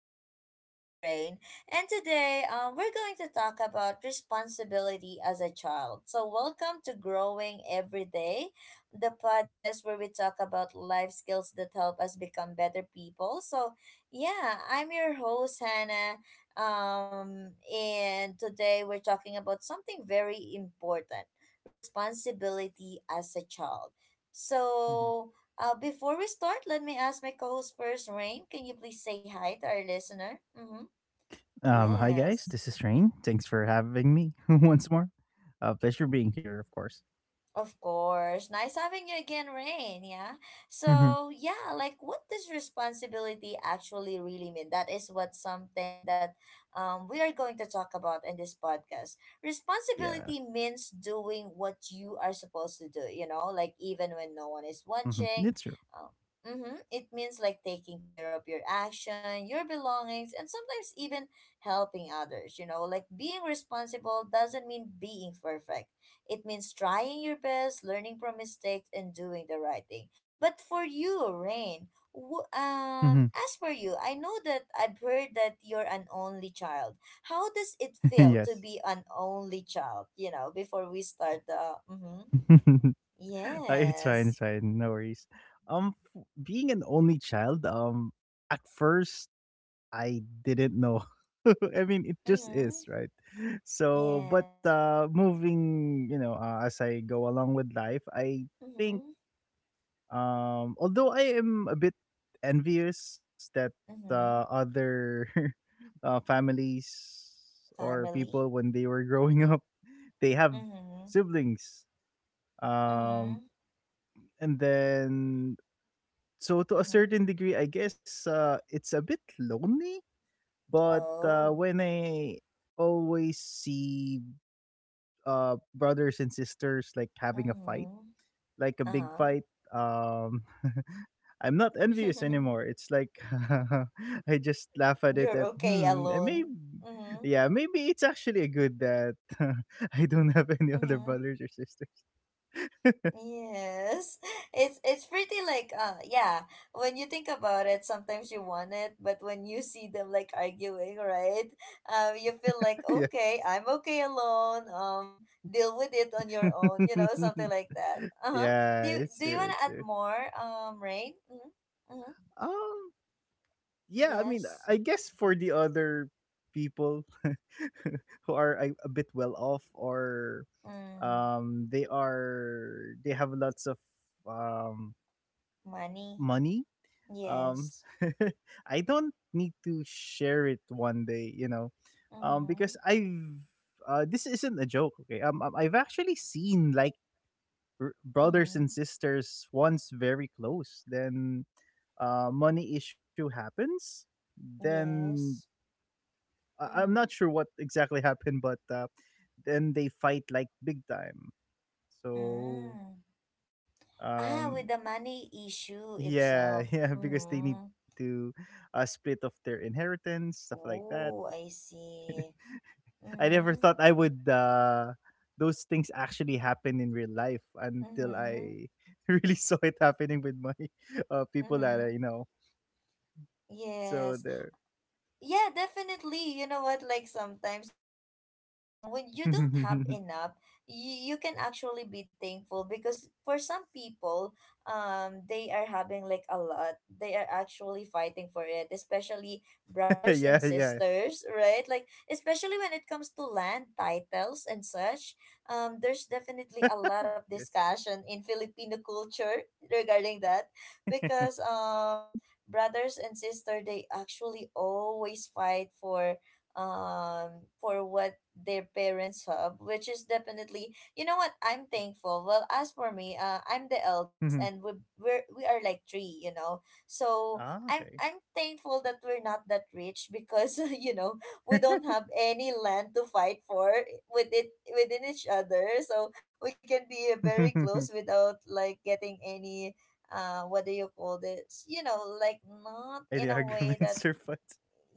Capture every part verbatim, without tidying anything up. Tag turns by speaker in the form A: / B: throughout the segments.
A: podcast with Rain. And today, um, we're going to talk about responsibility as a child. So, welcome to Growing Every Day, the podcast where we talk about life skills that help us become better people. So, yeah, I'm your host Hannah. Um, and today we're talking about something very important: responsibility as a child.
B: Mhm.
A: So, uh, before we start, let me ask my co-host first, Rain. Can you please say hi to our listener? Mm-hmm.
B: Um, hi guys,
A: Yes.
B: this is Rain. Thanks for having me once more. Uh, pleasure being here, of course.
A: Of course. Nice having you again, Rain. Yeah.
B: Hmm.
A: So, yeah, like what does responsibility actually really mean? That is what something that um, we are going to talk about in this podcast.
B: Yeah,
A: Responsibility means doing what you are supposed to do, you know, like even when no one is
B: hmm
A: watching.
B: it's true.
A: Um, mm-hmm, it means like taking care of your action, your belongings, and sometimes even helping others, you know, like being responsible doesn't mean being perfect, it means trying your best, learning from mistakes, and doing the right thing. But for you, Rain, wh-
B: Hmm.
A: um, as for you, I know that I've heard that you're an only child. How does it feel to
B: Yes,
A: be an only child? You know, before we start the. Mm-hmm.
B: uh, it's fine, it's
A: Yes.
B: fine. No worries. Um, f- being an only child, um, at first I didn't know. I mean, it just is,
A: Mm-hmm.
B: right. So, but
A: Yes.
B: uh, moving, you know, uh, as I go along with life, I think.
A: Mm-hmm.
B: Um, although I am a bit envious that uh,
A: Mm-hmm.
B: other uh, families or people
A: Family.
B: when they were growing up, they have
A: Mm-hmm.
B: siblings. Um,
A: Mm-hmm.
B: and then, so to a
A: Mm-hmm.
B: certain degree, I guess uh, it's a bit lonely. But uh,
A: Oh.
B: when I always see uh, brothers and sisters like having a fight,
A: Mm-hmm.
B: like a big
A: Uh-huh.
B: fight. Um, I'm not envious anymore. It's like I just laugh at it.
A: You're
B: At
A: okay
B: hmm, maybe
A: alone. Mm-hmm.
B: yeah, maybe it's actually a good that I don't have any other
A: Mm-hmm.
B: brothers or sisters.
A: Yes. It's it's pretty like uh yeah, when you think about it, sometimes you want it, but when you see them like arguing, right? Um you feel like
B: Yeah,
A: okay, I'm okay alone. Um deal with it on your own, you know, something like that. Uh-huh.
B: yeah,
A: Do you,
B: it's
A: do you
B: true.
A: want to
B: It's
A: add
B: true.
A: more um Rain? Mm-hmm. Mm-hmm.
B: Um, yeah, I mean,
A: Yes.
B: I guess for the other people who are a, a bit well off or
A: Mm,
B: um they are they have lots of um
A: money.
B: money. Um,
A: Yes.
B: I don't need to share it one day, you know, um,
A: Mm-hmm.
B: because I've uh, this isn't a joke. Okay, um, um, I've actually seen like r- brothers and
A: Mm-hmm.
B: sisters once very close. Then uh, money issue happens. Then,
A: Yes.
B: I- I'm not
A: Mm-hmm.
B: sure what exactly happened, but uh, then they fight like big time. So
A: Mm. Ah, with
B: um
A: the money issue
B: yeah,
A: itself.
B: yeah, because they need
A: Mm-hmm.
B: to uh, split off their inheritance, stuff like that.
A: Oh, I see.
B: I never
A: Mm-hmm.
B: thought I would uh those things actually happen in real life until
A: Mm-hmm.
B: I really saw it happening with my uh people
A: Mm-hmm.
B: that I know. So
A: Yes.
B: there.
A: Yeah, definitely. You know what? Like sometimes you feel like um when you don't have enough, you, you can actually be thankful because for some people, um they are having like a lot. They are actually fighting for it, especially brothers and
B: Yeah, yeah.
A: sisters, right? Like especially when it comes to land titles and such. Um there's definitely a lot of
B: Yes.
A: discussion in Filipino culture regarding that because um brothers and sister they actually always fight for um for what their parents have, which is definitely, you know what, I'm thankful. Well, as for me, uh, I'm the eldest
B: Mhm.
A: and we we're, we are like three you know So
B: Ah,
A: i'm
B: okay.
A: i'm thankful that we're not that rich, because you know we don't have any land to fight for with it within each other, so we can be very close without like getting any uh, what do you call this? You know, like
B: Any
A: not in a
B: arguments or
A: way that.
B: fights?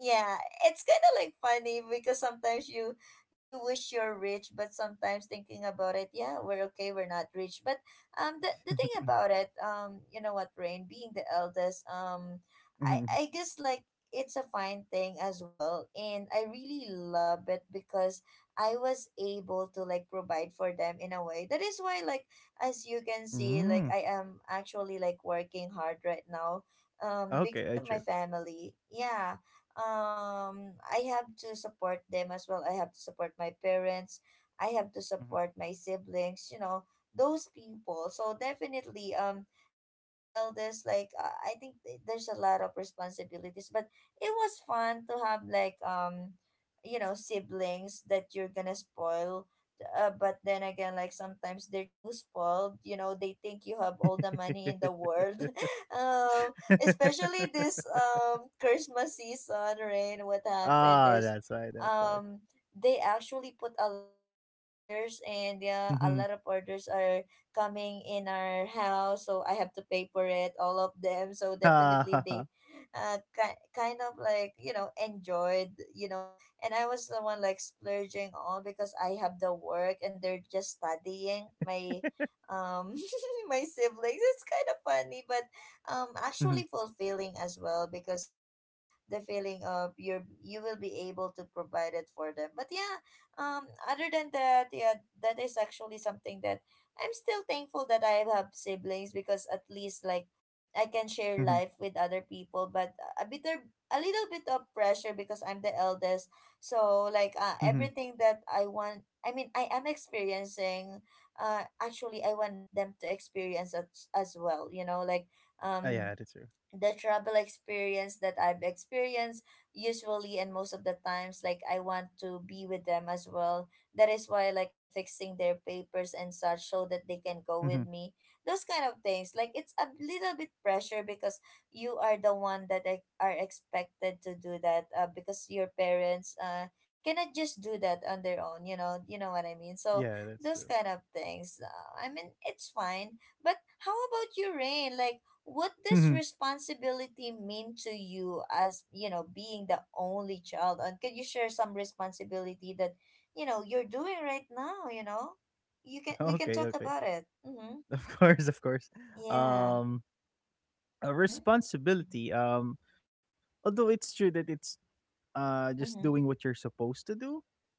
A: Yeah, it's kind of like funny because sometimes you you wish you're rich, but sometimes thinking about it, yeah, we're okay, we're not rich, but um the, the thing about it, um you know what, Rain, being the eldest, um i
B: Mm.
A: i guess like it's a fine thing as well, and I really love it because I was able to like provide for them in a way. That is why like, as you can see, like
B: Mm.
A: I am actually like working hard right now um
B: Okay,
A: because
B: I
A: of my
B: true.
A: family. Yeah, um I have to support them as well. I have to support my parents. I have to support my siblings, you know, those people. So definitely, um being the eldest like, uh, I think th- there's a lot of responsibilities, but it was fun to have like, um you know siblings that you're going to spoil, uh, but then again, like sometimes they're too spoiled you know they think you have all the money in the
B: Mhm.
A: world. um Especially this um Christmas season, Rain, what
B: Ah,
A: happened
B: that's
A: is,
B: why, that's why.
A: um they actually put a lot of orders, and yeah,
B: Mhm.
A: a lot of orders are coming in our house, so I have to pay for it, all of them. So definitely, they
B: Ah.
A: uh ki- kind of like, you know, enjoyed, you know, and I was the one like splurging on, because I have the work and they're just studying, my um my siblings. It's kind of funny, but um actually
B: Mhm.
A: fulfilling as well, because you know the feeling of your you will be able to provide it for them. But yeah, um other than that, yeah, that is actually something that I'm still thankful that I have siblings, because at least like I can share
B: Mhm.
A: life with other people. But a bit of- a little bit of pressure, because I'm the eldest. So like,
B: Mhm.
A: uh, everything that I want, I mean, I am experiencing, uh actually I want them to experience as, as well, you know like
B: Ah,
A: um
B: yeah, that's true.
A: the travel experience that I've experienced, usually, and most of the times, like I want to be with them as well. That is why like I'm fixing their papers and such, so that they can go
B: Mhm.
A: with me. Those kind of things. Like it's a little bit pressure because you are the one that e- are expected to do that, uh, because your parents uh cannot just do that on their own. You know, you know what I mean.
B: Yeah,
A: So
B: that's true.
A: those kind of things. Uh, I mean, it's fine. But how about you, Rain? Like what this
B: Mhm.
A: responsibility mean to you, as you know being the only child, and can you share some responsibility that you know you're doing right now you know you can we
B: Okay,
A: can talk
B: okay.
A: about it. Mm-hmm.
B: Of course, of course.
A: Yeah.
B: Um, a
A: Mm-hmm.
B: responsibility. Um, although it's true that it's uh just doing
A: Mm-hmm.
B: what you're supposed to do,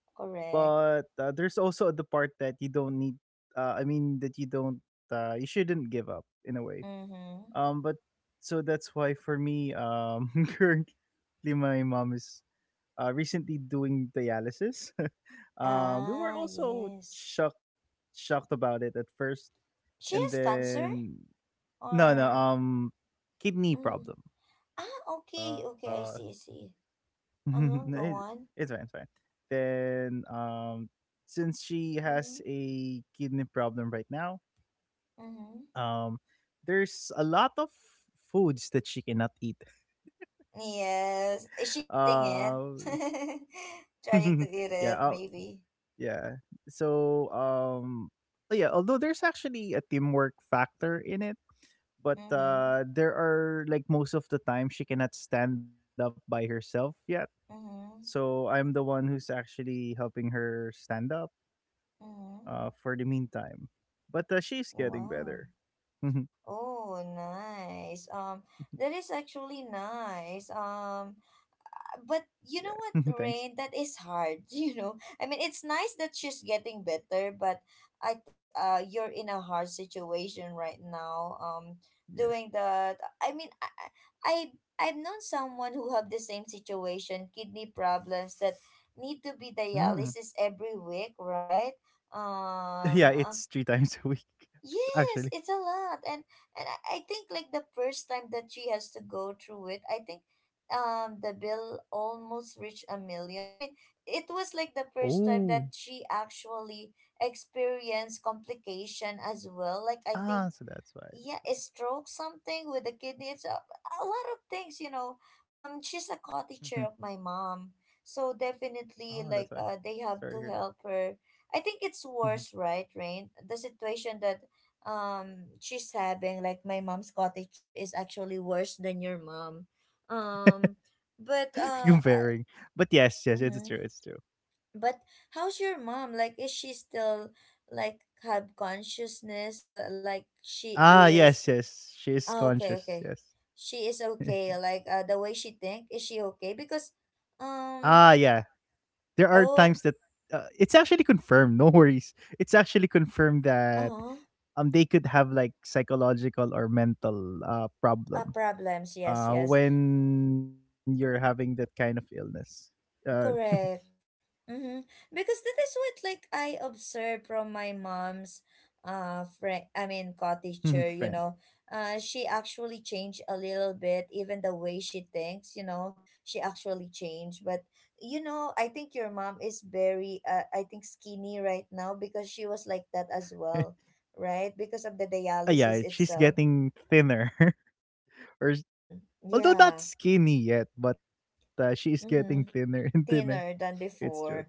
A: Correct.
B: but uh, there's also the part that you don't need. Uh, I mean that you don't. Uh, you shouldn't give up in a way.
A: Mm-hmm.
B: Um, but So that's why for me, um, currently my mom is uh, recently doing dialysis. Um, we were
A: Ah,
B: also
A: yes.
B: shocked shocked about it at first,
A: She
B: and
A: has cancer,
B: then no, no,
A: or
B: um, kidney
A: mm.
B: problem.
A: Ah, okay,
B: Uh,
A: okay. I see, I see.
B: no,
A: Uh-huh,
B: it,
A: go on.
B: it's fine, it's fine. Then, um, since she has
A: Mm-hmm.
B: a kidney problem right now,
A: Mm-hmm.
B: um, there's a lot of foods that she cannot eat.
A: Yes. Is she eating it?
B: Uh,
A: Trying to
B: yeah,
A: eat
B: uh,
A: it, maybe.
B: yeah. So um yeah, although there's actually a teamwork factor in it, but
A: Mm-hmm.
B: uh there are, like, most of the time she cannot stand up by herself yet.
A: Mm-hmm.
B: So I'm the one who's actually helping her stand up
A: Mm-hmm.
B: uh for the meantime. But uh, she's getting
A: Wow.
B: better.
A: Oh, nice. Um, that is actually nice. Um, but
B: Yeah.
A: you know what,
B: Thanks.
A: Rain? That is hard. You know, I mean, it's nice that she's getting better, but I think, uh, you're in a hard situation right now. Um,
B: Yes.
A: doing that. I mean, I, I I've known someone who have the same situation, kidney problems that need to be
B: Mm.
A: dialysis every week, right?
B: Yeah,
A: Um,
B: it's
A: uh,
B: three times a week
A: Yes,
B: actually.
A: it's a lot. And and I I think like the first time that she has to go through it, I think um the bill almost reached a million. I mean, it was like the first time
B: Oh.
A: that she actually experienced complication as well. Like I think,
B: Ah, so that's why.
A: yeah, a stroke, something with the kidneys, a, a lot of things, you know um she's a co-teacher of my mom, so definitely
B: Oh, that's
A: like,
B: why.
A: uh, they have
B: Sorry to
A: to
B: hear that.
A: help her. I think it's worse, right, Rain? The situation that, um she's having, like my mom's co-teacher, is actually worse than your mom. um but uh
B: Comparing. But yes, yes, it's true,
A: mm
B: it's true.
A: but how's your mom, like is she still, like have consciousness, l- like she
B: Ah,
A: is.
B: yes, yes, she is
A: Oh, okay, okay.
B: conscious. Yes.
A: She is okay. Like, uh, the way she think, is she okay? Because,
B: Ah,
A: um,
B: yeah. There are times
A: oh,
B: that uh, it's actually confirmed. No worries. It's actually confirmed that
A: uh,
B: um they could have like psychological or mental uh
A: uh,
B: problem
A: problems. Yes,
B: uh
A: yes.
B: when you're having that kind of illness. Uh,
A: Correct. Mm-hmm. Because that is what like I observed from my mom's uh friend, I mean co-teacher,
B: friend.
A: you know. Uh she actually changed a little bit, even the way she thinks, you know. She actually changed. But you know, I think your mom is very, uh, I think, skinny right now because she was like that as well, right? Because of the
B: Ah, yeah,
A: dialysis
B: she's
A: itself.
B: getting thinner, or s-
A: Mm,
B: although not
A: yeah.
B: skinny yet, but uh, she's getting thinner
A: Mm-hmm.
B: and thinner.
A: Thinner than
B: It's true.
A: before.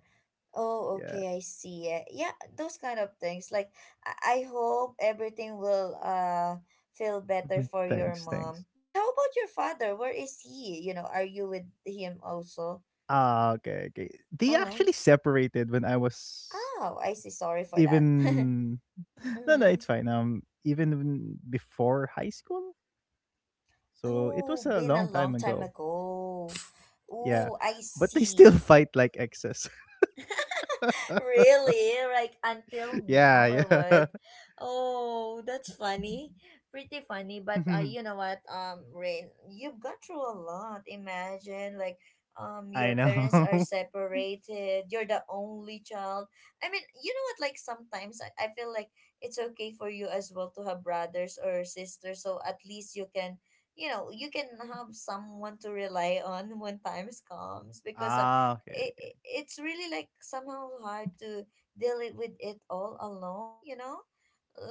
B: Yeah.
A: Oh, okay, I see. it. Yeah, those kind of things. Like, I I hope everything will uh feel
B: Mhm.
A: better for your
B: Thanks, thanks.
A: mom. But how about your father? Where is he? You know, are you with him also?
B: Ah, okay, okay. They actually
A: Uh-huh.
B: separated when I was
A: Oh, I see. Sorry for that.
B: even, no, no,
A: Mm-hmm.
B: it's fine. Um even when- before high school. So it
A: Oh,
B: was a
A: been a
B: long
A: long
B: time
A: time
B: ago.
A: ago.
B: Yeah.
A: Oh, I
B: But they still
A: see.
B: fight like exes.
A: Really? Like until now
B: Yeah,
A: or what?
B: yeah.
A: Oh, that's funny. Pretty funny, but, uh, you know what? Um, Rain, you've gone through a lot. Imagine like, um
B: I
A: your parents are
B: know.
A: separated. You're the only child. I mean, you know what? Like sometimes I, I feel like it's okay for you as well to have brothers or sisters, so at least you can. You know, you can have someone to rely on when times comes because,
B: Ah,
A: uh,
B: okay.
A: it, it- it's really like somehow hard to deal it with it all alone you know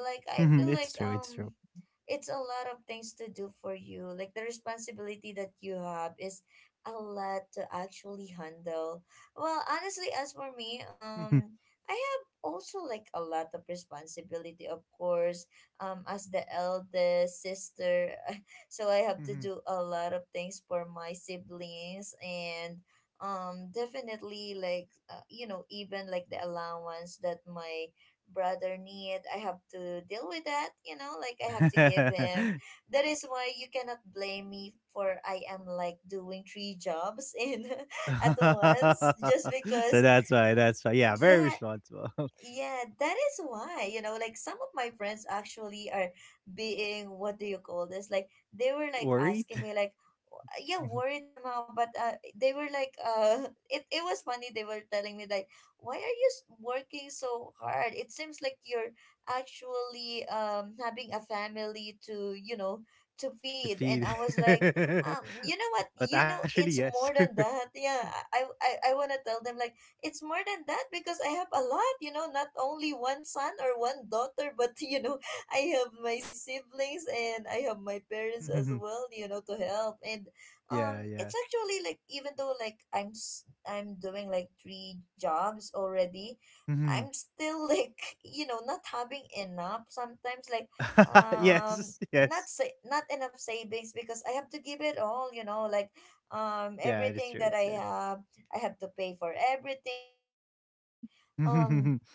A: Like I
B: Mhm,
A: feel like,
B: it's true, it's
A: um
B: true.
A: it's a lot of things to do for you. Like the responsibility that you have is a lot to actually handle. Well, honestly, as for me, um,
B: Mhm,
A: I have also like a lot of responsibility, of course. Um, as the eldest sister, so I have to do
B: mhm.
A: a lot of things for my siblings. And um definitely like uh, you know even like the allowance that my brother need, I have to deal with that, you know, like I have to give him. That is why you cannot blame me, for I am like doing three jobs in at once just
B: So
A: because.
B: that's why, that's why. Yeah, very
A: Yeah.
B: responsible.
A: yeah, that is why, you know, like some of my friends actually are being, what do you call this? Like they were like asking me
B: Worried?
A: like w- yeah, worried somehow. But uh they were like uh it it was funny. They were telling me like, "Why are you s- working so hard? It seems like you're actually um having a family to, you know, to
B: To
A: feed." And
B: feed.
A: I was like, "Um, you know what?
B: But
A: You know
B: actually,
A: it's
B: yes.
A: more than that." Yeah, I I I want to tell them like it's more than that because I have a lot, you know, not only one son or one daughter, but you know, I have my siblings and I have my parents as well, you know, to help. And um
B: Yeah,
A: it's
B: yeah.
A: actually like even though like I'm s- I'm doing like three jobs already,
B: Mhm.
A: I'm still like, you know, not having enough sometimes. Like um
B: Yes, yes.
A: not sa- not enough savings because I have to give it all, you know, like um
B: Yeah, it is true,
A: everything
B: it's
A: that
B: true.
A: I have, I have to pay for everything. So definitely, um,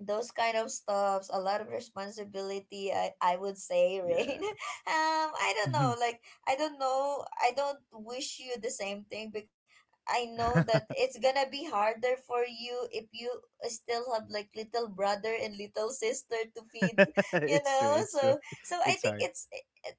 A: those kind of stuffs, a lot of responsibility, i, I would say, Rain.
B: Yeah.
A: um I don't know,
B: Mhm.
A: like i don't know I don't wish you the same thing because I know that it's gonna be harder for you if you still have like little brother and little sister to feed. You
B: It's true,
A: know,
B: it's
A: so
B: true.
A: so I
B: It's
A: think
B: hard.
A: it's,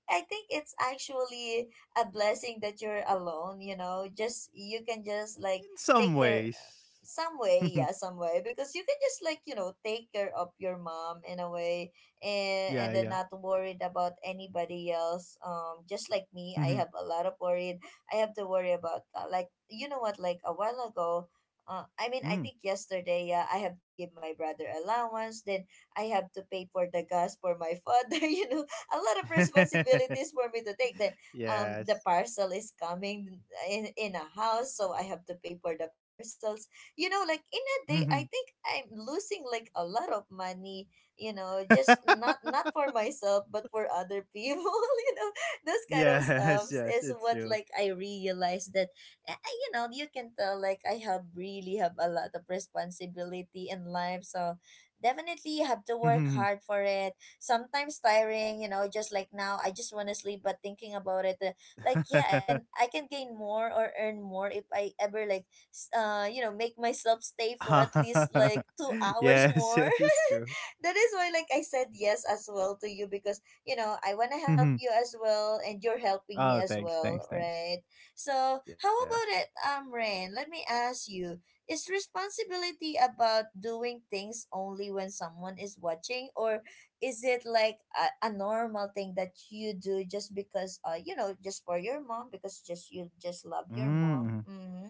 A: I think it's actually a blessing that you're alone, you know. Just you can just like
B: In some
A: take care
B: ways.
A: some way. Yeah, some way, because you can just like, you know, take care of your mom in a way. And and
B: Yeah,
A: then
B: yeah.
A: not worried about anybody else. um just like me, I have
B: Mhm.
A: a lot of worried. I have to worry about uh, like, you know what, like a while ago, uh, i mean I
B: Mm.
A: think yesterday. Yeah, I have to give my brother allowance, then I have to pay for the gas for my father. You know, a lot of responsibilities for me to take. Then um the
B: Yes.
A: parcel is coming in in a house, so I have to pay for the parcels. You know, like in a day
B: Mhm.
A: I think I'm losing like a lot of money, you know, just not not for myself but for other people. You know, those kind of
B: Yes,
A: stuffs
B: yes,
A: is
B: it's
A: what
B: true.
A: like I realized that. Uh, uh, you know, you can tell like I have really have a lot of responsibility in life. So definitely you have to work
B: Mhm.
A: hard for it. Sometimes tiring, you know, just like now I just want to sleep. But thinking about it, uh, like, yeah, i can I can gain more or earn more if I ever like s- uh, you know, make myself stay for at least like two hours
B: Yes,
A: more.
B: yes, it's true.
A: That is why, like, I said yes as well to you because, you know, I want to help
B: Mhm.
A: you as well and you're helping me
B: Oh,
A: as
B: thanks,
A: well,
B: thanks, thanks.
A: right? So, how
B: Yeah.
A: about it, um, Rain? Let me ask you, is responsibility about doing things only when someone is watching, or is it like a, a normal thing that you do just because, uh you know, just for your mom, because just you just love your mom?
B: Mm.
A: Mm-hmm.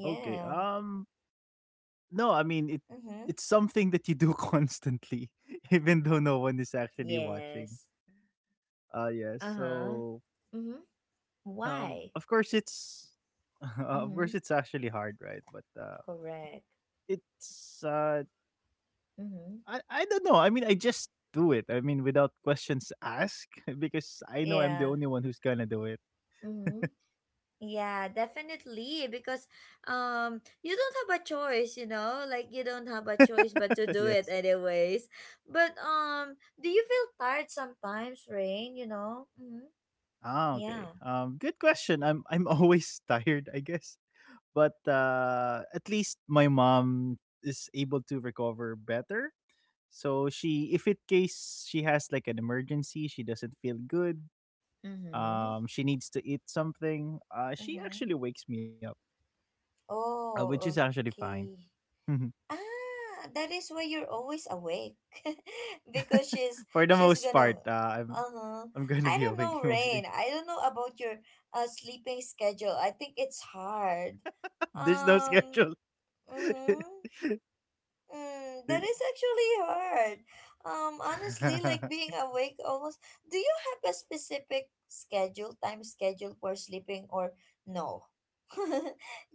B: Okay. Um no, I mean it
A: Mm-hmm.
B: it's something that you do constantly even though no one is actually watching.
A: Yes.
B: Uh yeah,
A: Uh-huh.
B: so
A: Mm-hmm.
B: um
A: Why?
B: of course it's of course
A: Mm-hmm.
B: it's actually hard, right? But uh
A: Correct.
B: it's uh
A: Mm-hmm.
B: I I don't know. I mean, I just do it. I mean, without questions asked because I know I'm the
A: Yeah.
B: only one who's going to do it.
A: Mm-hmm. Yeah, definitely. Because um you don't have a choice, you know? Like you don't have a choice but to do it
B: Yes.
A: anyways. But um do you feel tired sometimes, Rain, you know? Mm-hmm.
B: Ah,
A: Yeah.
B: okay. Um good question. I'm I'm always tired, I guess. but uh, at least my mom is able to recover better. So she, if in case she has like an emergency, she doesn't feel good.
A: Mm-hmm.
B: Um, she needs to eat something. Uh, she
A: Mm-hmm.
B: actually wakes me up, uh, which is
A: Oh,
B: actually fine.
A: okay. Ah, that is why you're always awake. Because she's
B: For the
A: she's
B: most part,
A: gonna,
B: uh, I'm
A: uh-huh.
B: I'm gonna
A: I
B: be
A: don't know,
B: awake
A: Rain.
B: mostly.
A: I don't know about your uh sleeping schedule. I think it's hard.
B: There's no
A: Um
B: schedule.
A: mm-hmm. Mm, that
B: There-
A: is actually hard. Um honestly, like being awake almost, do you have a specific schedule, time schedule for sleeping or no?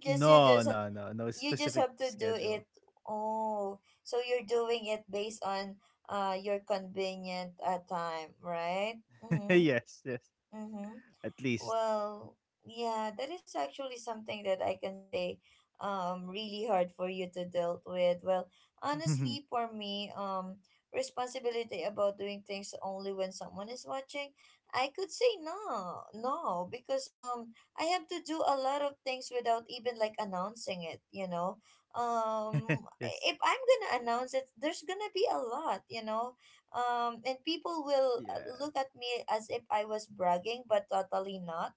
A: Just you
B: no,
A: just,
B: no, no, no
A: you just
B: specific
A: have to do it.
B: schedule.
A: Oh, so you're doing it based on uh your convenient uh, time, right? Mm-hmm.
B: Yes, yes,
A: Mm-hmm.
B: at least.
A: Well, yeah, that is actually something that I can say um really hard for you to dealt with. Well, honestly, for me, um responsibility about doing things only when someone is watching, I could say no, no, because um I have to do a lot of things without even like announcing it, you know. Um
B: Yes.
A: if I'm gonna announce it, there's gonna be a lot, you know. Um, and people will uh,
B: Yeah.
A: look at me as if I was bragging, but totally not,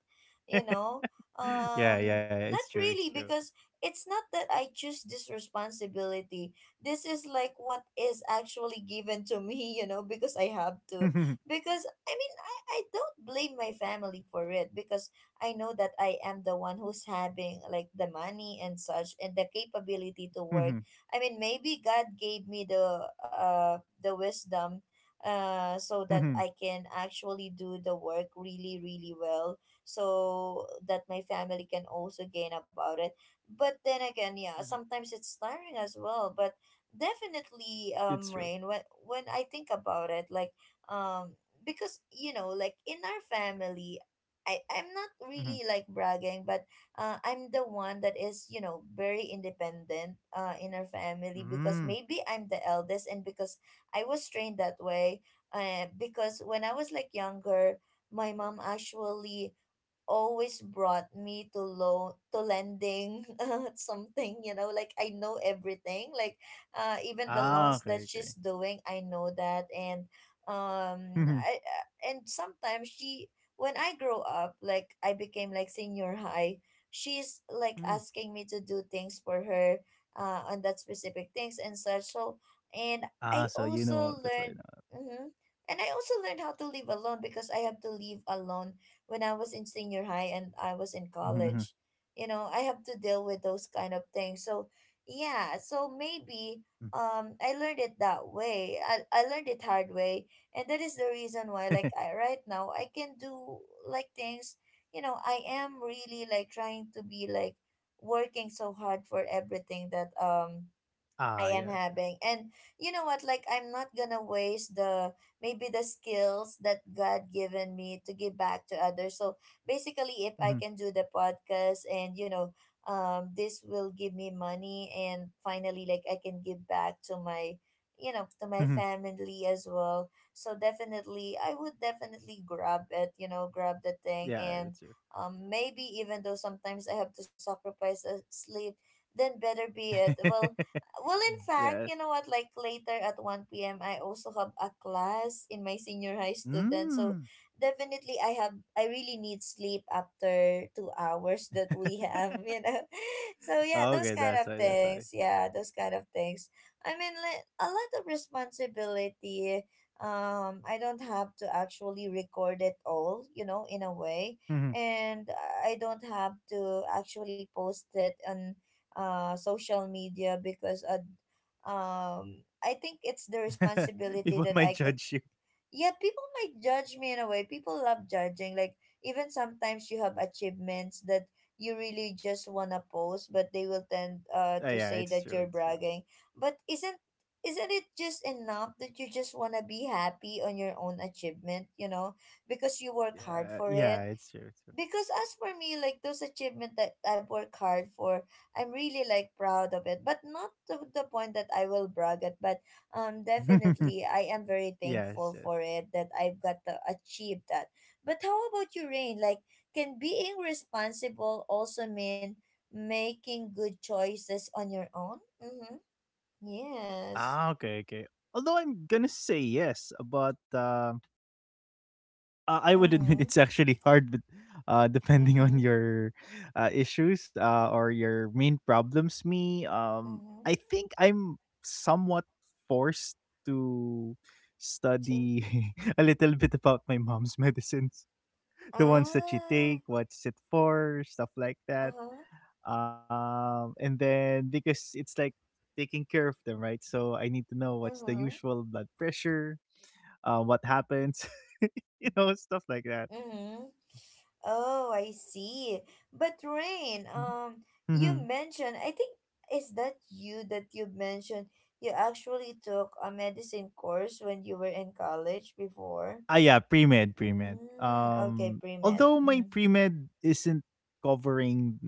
A: you know.
B: Yeah,
A: Um,
B: yeah,
A: not
B: it's true,
A: really,
B: it's true.
A: because it's not that I choose this responsibility. This is like what is actually given to me, you know, because I have to.
B: Mhm,
A: Because, I mean, I, I don't blame my family for it because I know that I am the one who's having like the money and such and the capability to work.
B: mhm,
A: I mean, maybe God gave me the uh the wisdom, uh, so that I
B: mhm,
A: can actually do the work really, really well, so that my family can also gain about it. But then again,
B: mhm.
A: yeah, sometimes it's tiring as well. But definitely,
B: It's
A: um,
B: true.
A: Rain, when when I think about it, like, um, because, you know, like in our family. I, I'm not really
B: Mhm.
A: like bragging, but uh, I'm the one that is, you know, very independent uh, in our family, because
B: Mm.
A: maybe I'm the eldest and because I was trained that way, uh, because when I was like younger, my mom actually always brought me to loan, to lending something. You know, like I know everything, like uh even the
B: Ah,
A: loans that
B: okay,
A: she's
B: okay.
A: doing, I know that. And um
B: Mhm,
A: I, I- and sometimes she, when I grow up, like I became like senior high, she's like
B: mm,
A: asking me to do things for her uh on that specific things and such. So and I
B: ah, so you
A: also
B: know that's
A: learned,
B: why now.
A: mm-hmm, and I also learned how to live alone, because I have to live alone when I was in senior high and I was in
B: Mhm,
A: college.
B: mhm,
A: You know, I have to deal with those kind of things. So, yeah, so
B: mm.
A: maybe um I learned it that way. I, I learned it hard way, and that is the reason why like I right now I can do like things, you know. I am really like trying to be like working so hard for everything that um
B: Ah,
A: I am
B: yes, yes.
A: having. And you know what? Like, I'm not gonna waste the maybe the skills that God given me, to give back to others. So basically, if I
B: Mhm,
A: can do the podcast and, you know, um, this will give me money, and finally, like, I can give back to my, you know, to my
B: mhm.
A: family as well. So definitely I would definitely grab it, you know, grab the thing. And
B: Yeah, that's true.
A: um maybe even though sometimes I have to sacrifice a sleep, then better be it. Well, well, in fact,
B: Yes.
A: you know what? Like later at one p m, I also have a class in my senior high student. So
B: Mm,
A: definitely, I have, I really need sleep after two hours that we have, you know? So yeah, those kind
B: okay,
A: of
B: that's why, that's
A: things.
B: why.
A: Yeah, those kind of things. I mean, li- a lot of responsibility. Um, I don't have to actually record it all, you know, in a way.
B: Mhm,
A: And I don't have to actually post it on uh, social media because uh, um, I think it's the responsibility
B: people
A: that
B: might
A: I could.
B: judge you.
A: Yeah, people might judge me in a way. People love judging. Like even sometimes you have achievements that you really just wanna post, but they will tend uh
B: Ah,
A: to
B: yeah,
A: say
B: it's
A: that
B: true,
A: you're
B: it's true.
A: bragging. But isn't isn't it just enough that you just wanna be happy on your own achievement? You know, because you work hard for
B: Yeah,
A: it.
B: yeah, it's true, it's true.
A: Because as for me, like those achievement that I've worked hard for, I'm really like proud of it, but not to the point that I will brag it. But um definitely I am very thankful
B: Yes, yes.
A: for it, that I've got to achieve that. But how about you, Rain? Like can being responsible also mean making good choices on your own? Mm-hmm. Yes.
B: Ah, okay, okay. Although I'm gonna say yes, but uh, I I would admit
A: Mm-hmm.
B: it's actually hard, but uh, depending on
A: Mm-hmm.
B: your uh, issues uh, or your main problems. Me, um,
A: Mm-hmm.
B: I think I'm somewhat forced to
A: To.
B: study a little bit about my mom's medicines, the ones that she
A: Ah.
B: take, what's it for, stuff like that.
A: Uh-huh.
B: Um and then because it's like taking care of them, right? So I need to know what's the
A: Uh-huh.
B: usual blood pressure, uh, what happens, you know stuff like that.
A: Mm-hmm. Oh, I see. But Rain, um, you
B: Mm-hmm.
A: mentioned, I think, is that you that you mentioned you actually took a medicine course when you were in college before?
B: Ah, yeah, pre-med pre-med
A: Mm, okay,
B: um
A: pre-med.
B: Although my
A: Mm-hmm.
B: pre-med isn't covering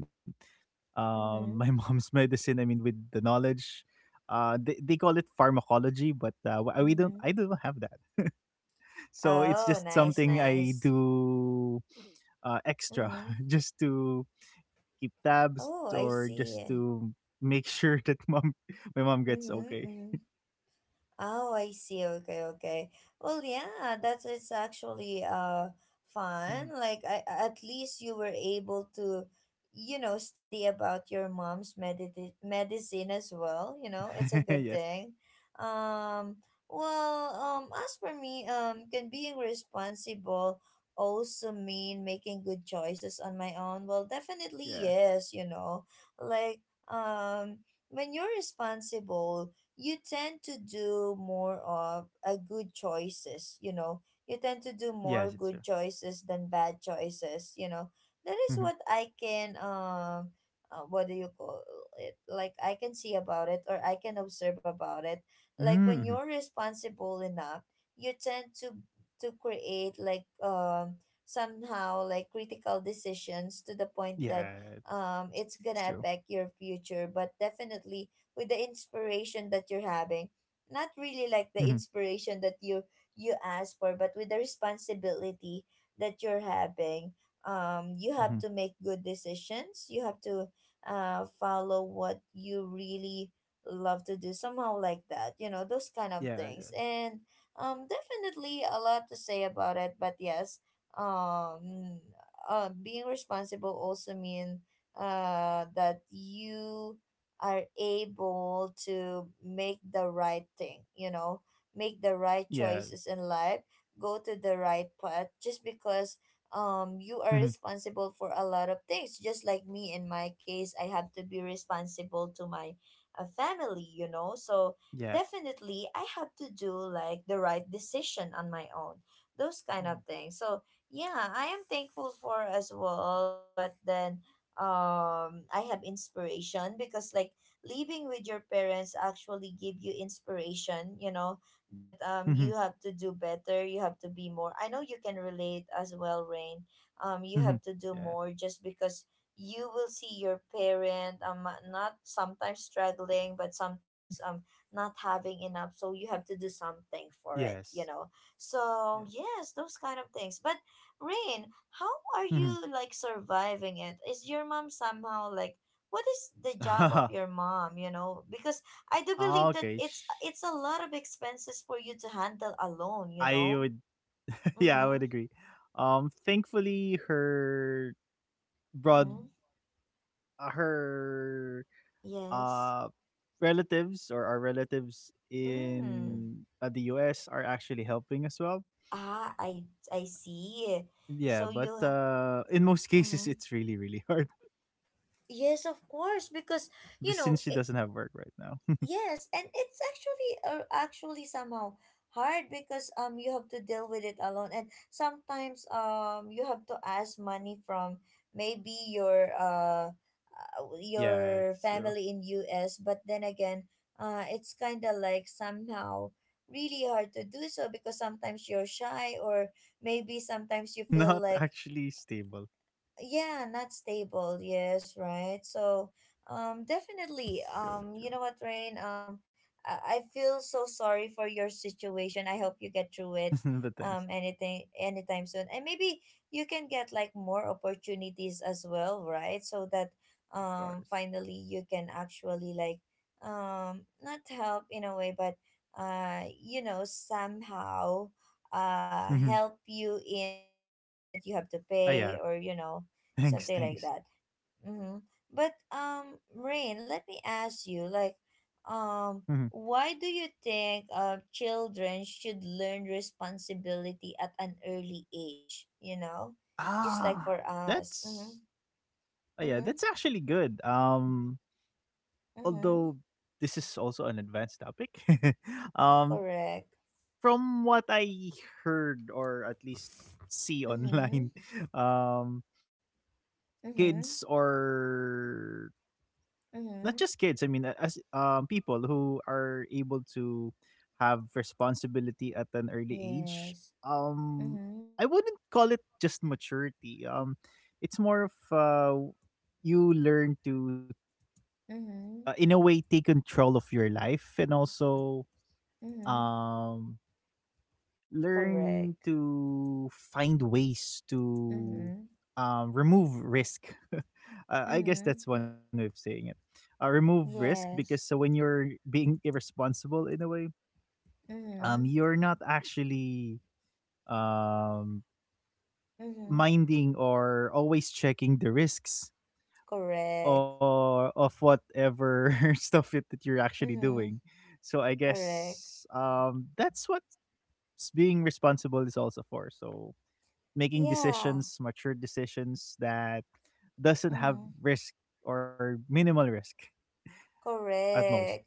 B: um my
A: Mm-hmm.
B: mom's medicine. I mean, with the knowledge, uh they, they call it pharmacology. But uh, w- we don't,
A: Mm-hmm.
B: I don't have that. So it's
A: Oh,
B: just
A: nice,
B: something I
A: nice.
B: do, uh, extra.
A: Mm-hmm.
B: Just to keep
A: Oh,
B: tabs
A: I
B: or just
A: see.
B: to make sure that mom my mom
A: Mm-hmm.
B: gets okay.
A: Mm-hmm. Oh, I see. Okay, okay. Well, yeah, that's, it's actually uh fun.
B: Mhm.
A: Like I, at least you were able to, you know, study about your mom's medit medicine as well, you know. It's a good
B: Yes.
A: thing. Um, well, um as for me, um can being responsible also mean making good choices on my own? Well, definitely
B: Yeah.
A: yes, you know. Like um when you're responsible, you tend to do more of a good choices, you know, you tend to do
B: Yes,
A: more
B: it's true.
A: good choices than bad choices, you know. That is
B: Hmm.
A: what I can um uh, what do you call it, like I can see about it or I can observe about it. Like when you're
B: Hmm.
A: responsible enough, you tend to to create like um somehow like critical decisions to the point that
B: Yeah,
A: um it's
B: it's
A: gonna
B: true.
A: affect your future, but definitely with the inspiration that you're having, not really like the
B: Hmm.
A: inspiration that you you ask for, but with the responsibility that you're having, um you have to
B: Hmm.
A: make good decisions, you have to uh follow what you really love to do, somehow like that, you know, those kind of
B: Yeah.
A: things.
B: Yes.
A: And um definitely a lot to say about it, but yes. um uh, Being responsible also mean uh that you are able to make the right thing, you know, make the right
B: Yeah.
A: choices in life, go to the right path, just because um you are
B: Hmm.
A: responsible for a lot of things, just like me. In my case, I have to be responsible to my uh, family, you know. So
B: Yes.
A: definitely I have to do like the right decision on my own. Those kind of
B: Hmm.
A: things. So yeah, I am thankful for as well. But then um I have inspiration, because like living with your parents actually give you inspiration, you know, that um you
B: Hmm.
A: have to do better, you have to be more. I know you can relate as well, Rain. Um you have to
B: Hmm.
A: do more,
B: Yes.
A: just because you will see your parent um not sometimes struggling, but sometimes um not having enough, so you have to do something for it, you know.
B: Yes.
A: So
B: Yes.
A: yes, those kind of things. But Rain, how are you
B: Hmm.
A: like surviving? It is your mom somehow like, what is the job of your mom, you know? Because I do believe that
B: Okay.
A: it's
B: Sh-
A: it's a lot of expenses for you to handle alone, you
B: I
A: know.
B: would. Yeah, I would
A: Mm-hmm.
B: agree. Um, thankfully, her broad,
A: Mm-hmm.
B: her
A: Yes.
B: uh relatives or our relatives
A: Mm.
B: in uh, the U S are actually helping as well.
A: Ah, i i see. So
B: Yeah, but
A: you.
B: uh in most cases
A: Mm-hmm.
B: it's really, really hard.
A: Yes, of course, because
B: But
A: you
B: since she
A: know
B: doesn't have work right now.
A: yes. And it's actually uh, actually somehow hard, because um you have to deal with it alone. And sometimes um you have to ask money from maybe your uh uh,
B: Yeah,
A: your
B: it's true.
A: family in U S. But then again, uh it's kind of like somehow really hard to do so, because sometimes you're shy,
B: Yeah,
A: or
B: um
A: maybe
B: it's
A: sometimes you
B: not
A: feel like,
B: actually stable.
A: yeah, not stable, yes, right. So um
B: True,
A: definitely,
B: true.
A: um you know what, Rain, um I, I feel so sorry for your situation. I hope you get through it
B: But thanks.
A: um anything anytime soon. And maybe you can get like more opportunities as well, right, so that
B: Of
A: um
B: course.
A: finally you can actually like um not help in a way, but uh you know, somehow uh
B: Mhm.
A: help you in the things that you have to
B: Oh
A: pay,
B: yeah,
A: or you know,
B: thanks,
A: something like
B: thanks.
A: that. Mm-hmm. But um, Rain, let me ask you, like, um,
B: Mhm.
A: why do you think uh, children should learn responsibility at an early age? You know, just like
B: Ah,
A: for us.
B: that's
A: Mm-hmm.
B: oh yeah,
A: Mm-hmm.
B: that's actually good. Um
A: Mm-hmm.
B: although this is also an advanced topic, um,
A: Correct.
B: from what I heard or at least see online,
A: Mm-hmm.
B: um,
A: Mm-hmm.
B: kids, or not just
A: Mm-hmm.
B: kids, I mean, a- as um, people who are able to have responsibility at an early age,
A: Yes.
B: um,
A: Mm-hmm.
B: I wouldn't call it just maturity. Um, it's more of, uh, you learn to, uh,
A: Mm-hmm.
B: in a way, take control of your life and also
A: Mm-hmm.
B: um
A: Correct.
B: learn to find ways to
A: Mm-hmm.
B: um remove risk. uh, I guess
A: Mm-hmm.
B: that's one way of saying it, uh, remove risk. Because so
A: Yes.
B: when you're being irresponsible in a way um
A: Mm-hmm.
B: you're not actually um
A: Mm-hmm.
B: minding or always checking the risks
A: Correct.
B: or of whatever stuff it, that you're actually
A: Mm-hmm.
B: doing. So I
A: Correct.
B: guess um that's what being responsible is also for. So making
A: Yeah.
B: decisions, mature decisions that doesn't
A: Mm-hmm.
B: have risk or minimal risk at most.
A: Correct.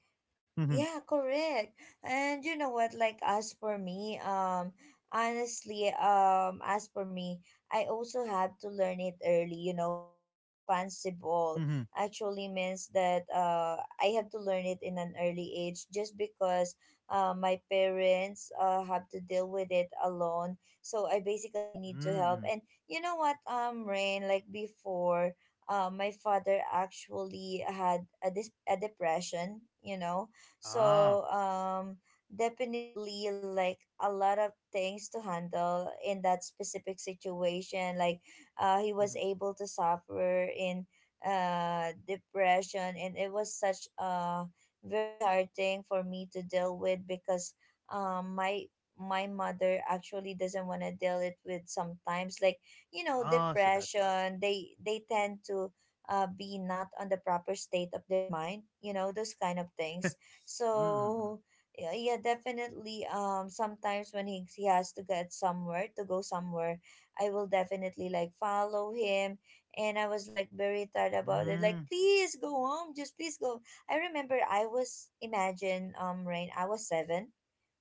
B: Mm-hmm.
A: Yeah, correct. And you know what? Like, as for me, um, honestly, um, as for me, I also have to learn it early. You know, being responsible
B: Mm-hmm.
A: actually means that uh, I have to learn it in an early age, just because uh, my parents uh, have to deal with it alone. So I basically need to help. And
B: Mm-hmm.
A: you know what? Um, Rain, like before. Uh, my father actually had a, dis- a depression, you know. So
B: Ah.
A: um definitely like a lot of things to handle in that specific situation. Like uh he was
B: Mm-hmm.
A: able to suffer in uh depression, and it was such a very hard thing for me to deal with, because um my my mother actually doesn't want to deal it with sometimes. Like, you know,
B: Ah. So that's why.
A: depression, they they tend to uh, be not on the proper state of their mind, you know, those kind of things.
B: Mm-hmm.
A: So yeah, yeah, definitely. Um, sometimes when he he has to get somewhere, to go somewhere, I will definitely like follow him. And I was like very tired about it. Like,
B: Mm-hmm. Mm.
A: please go home, just please go. I remember I was, imagine, um Rain, I was seven,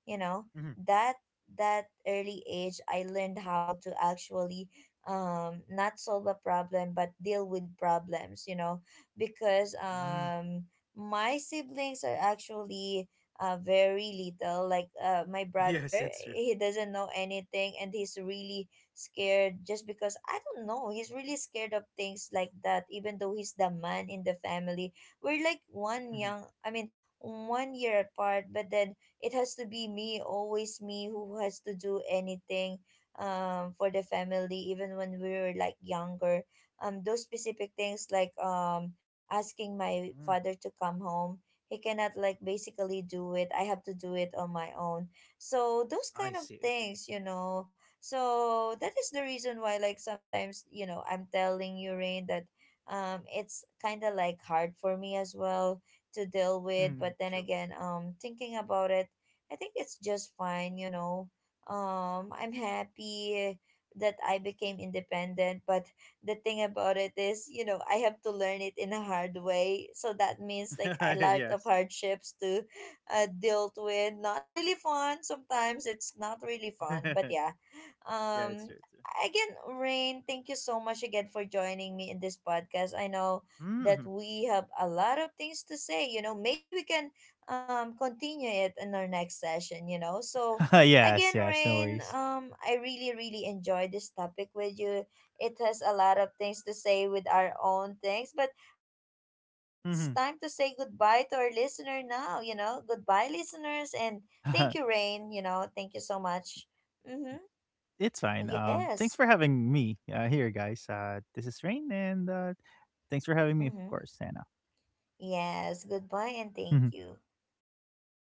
A: you know, that that early age I learned how to actually um not solve a problem, but deal with problems, you know. Because
B: Mm-hmm. Mm.
A: um my siblings are actually uh very little. Like, uh my
B: Yes,
A: brother,
B: it's true.
A: he doesn't know anything, and he's really scared, just because I don't know, he's really scared of things like that, even though he's the man in the family. We're like one young I mean one year apart. But then it has to be me, always me, who has to do anything um for the family, even when we were like younger. Um, those specific things like um asking my
B: Mm-hmm. Mm.
A: father to come home. He cannot like basically do it. I have to do it on my own. So those kind
B: I
A: of
B: see. I see.
A: things, you know. So that is the reason why, like sometimes, you know, I'm telling you, Rain, that um it's kind of like hard for me as well to deal
B: Mm-hmm.
A: with.
B: Mm-hmm.
A: But then
B: True.
A: again, um thinking about it, I think it's just fine, you know. Um, I'm happy that I became independent, but the thing about it is, you know, I have to learn it in a hard way. So that means like a lot of
B: Yes.
A: hardships to uh, dealt with. Not really fun. Sometimes it's not really fun, but
B: Yeah,
A: yeah. Um,
B: it's true. It's true.
A: again, Rain, thank you so much again for joining me in this podcast. I know that
B: Mm-hmm.
A: we have a lot of things to say. You know, maybe we can um continue it in our next session, you know. So again,
B: Yes. Yes. No
A: Rain,
B: worries.
A: um I really really enjoy this topic with you. It has a lot of things to say with our own things. But Rain, I think
B: Mm-hmm.
A: it's time to say goodbye to our listener now, you know. Goodbye listeners, and thank you, Rain, you know, thank you so much. Mm-hmm.
B: It's fine. Um,
A: Yes.
B: thanks for having me, uh, here, guys. Uh, this is Rain, and uh, thanks for having me, of
A: Mm-hmm.
B: course, Santa.
A: Yes, goodbye and thank you.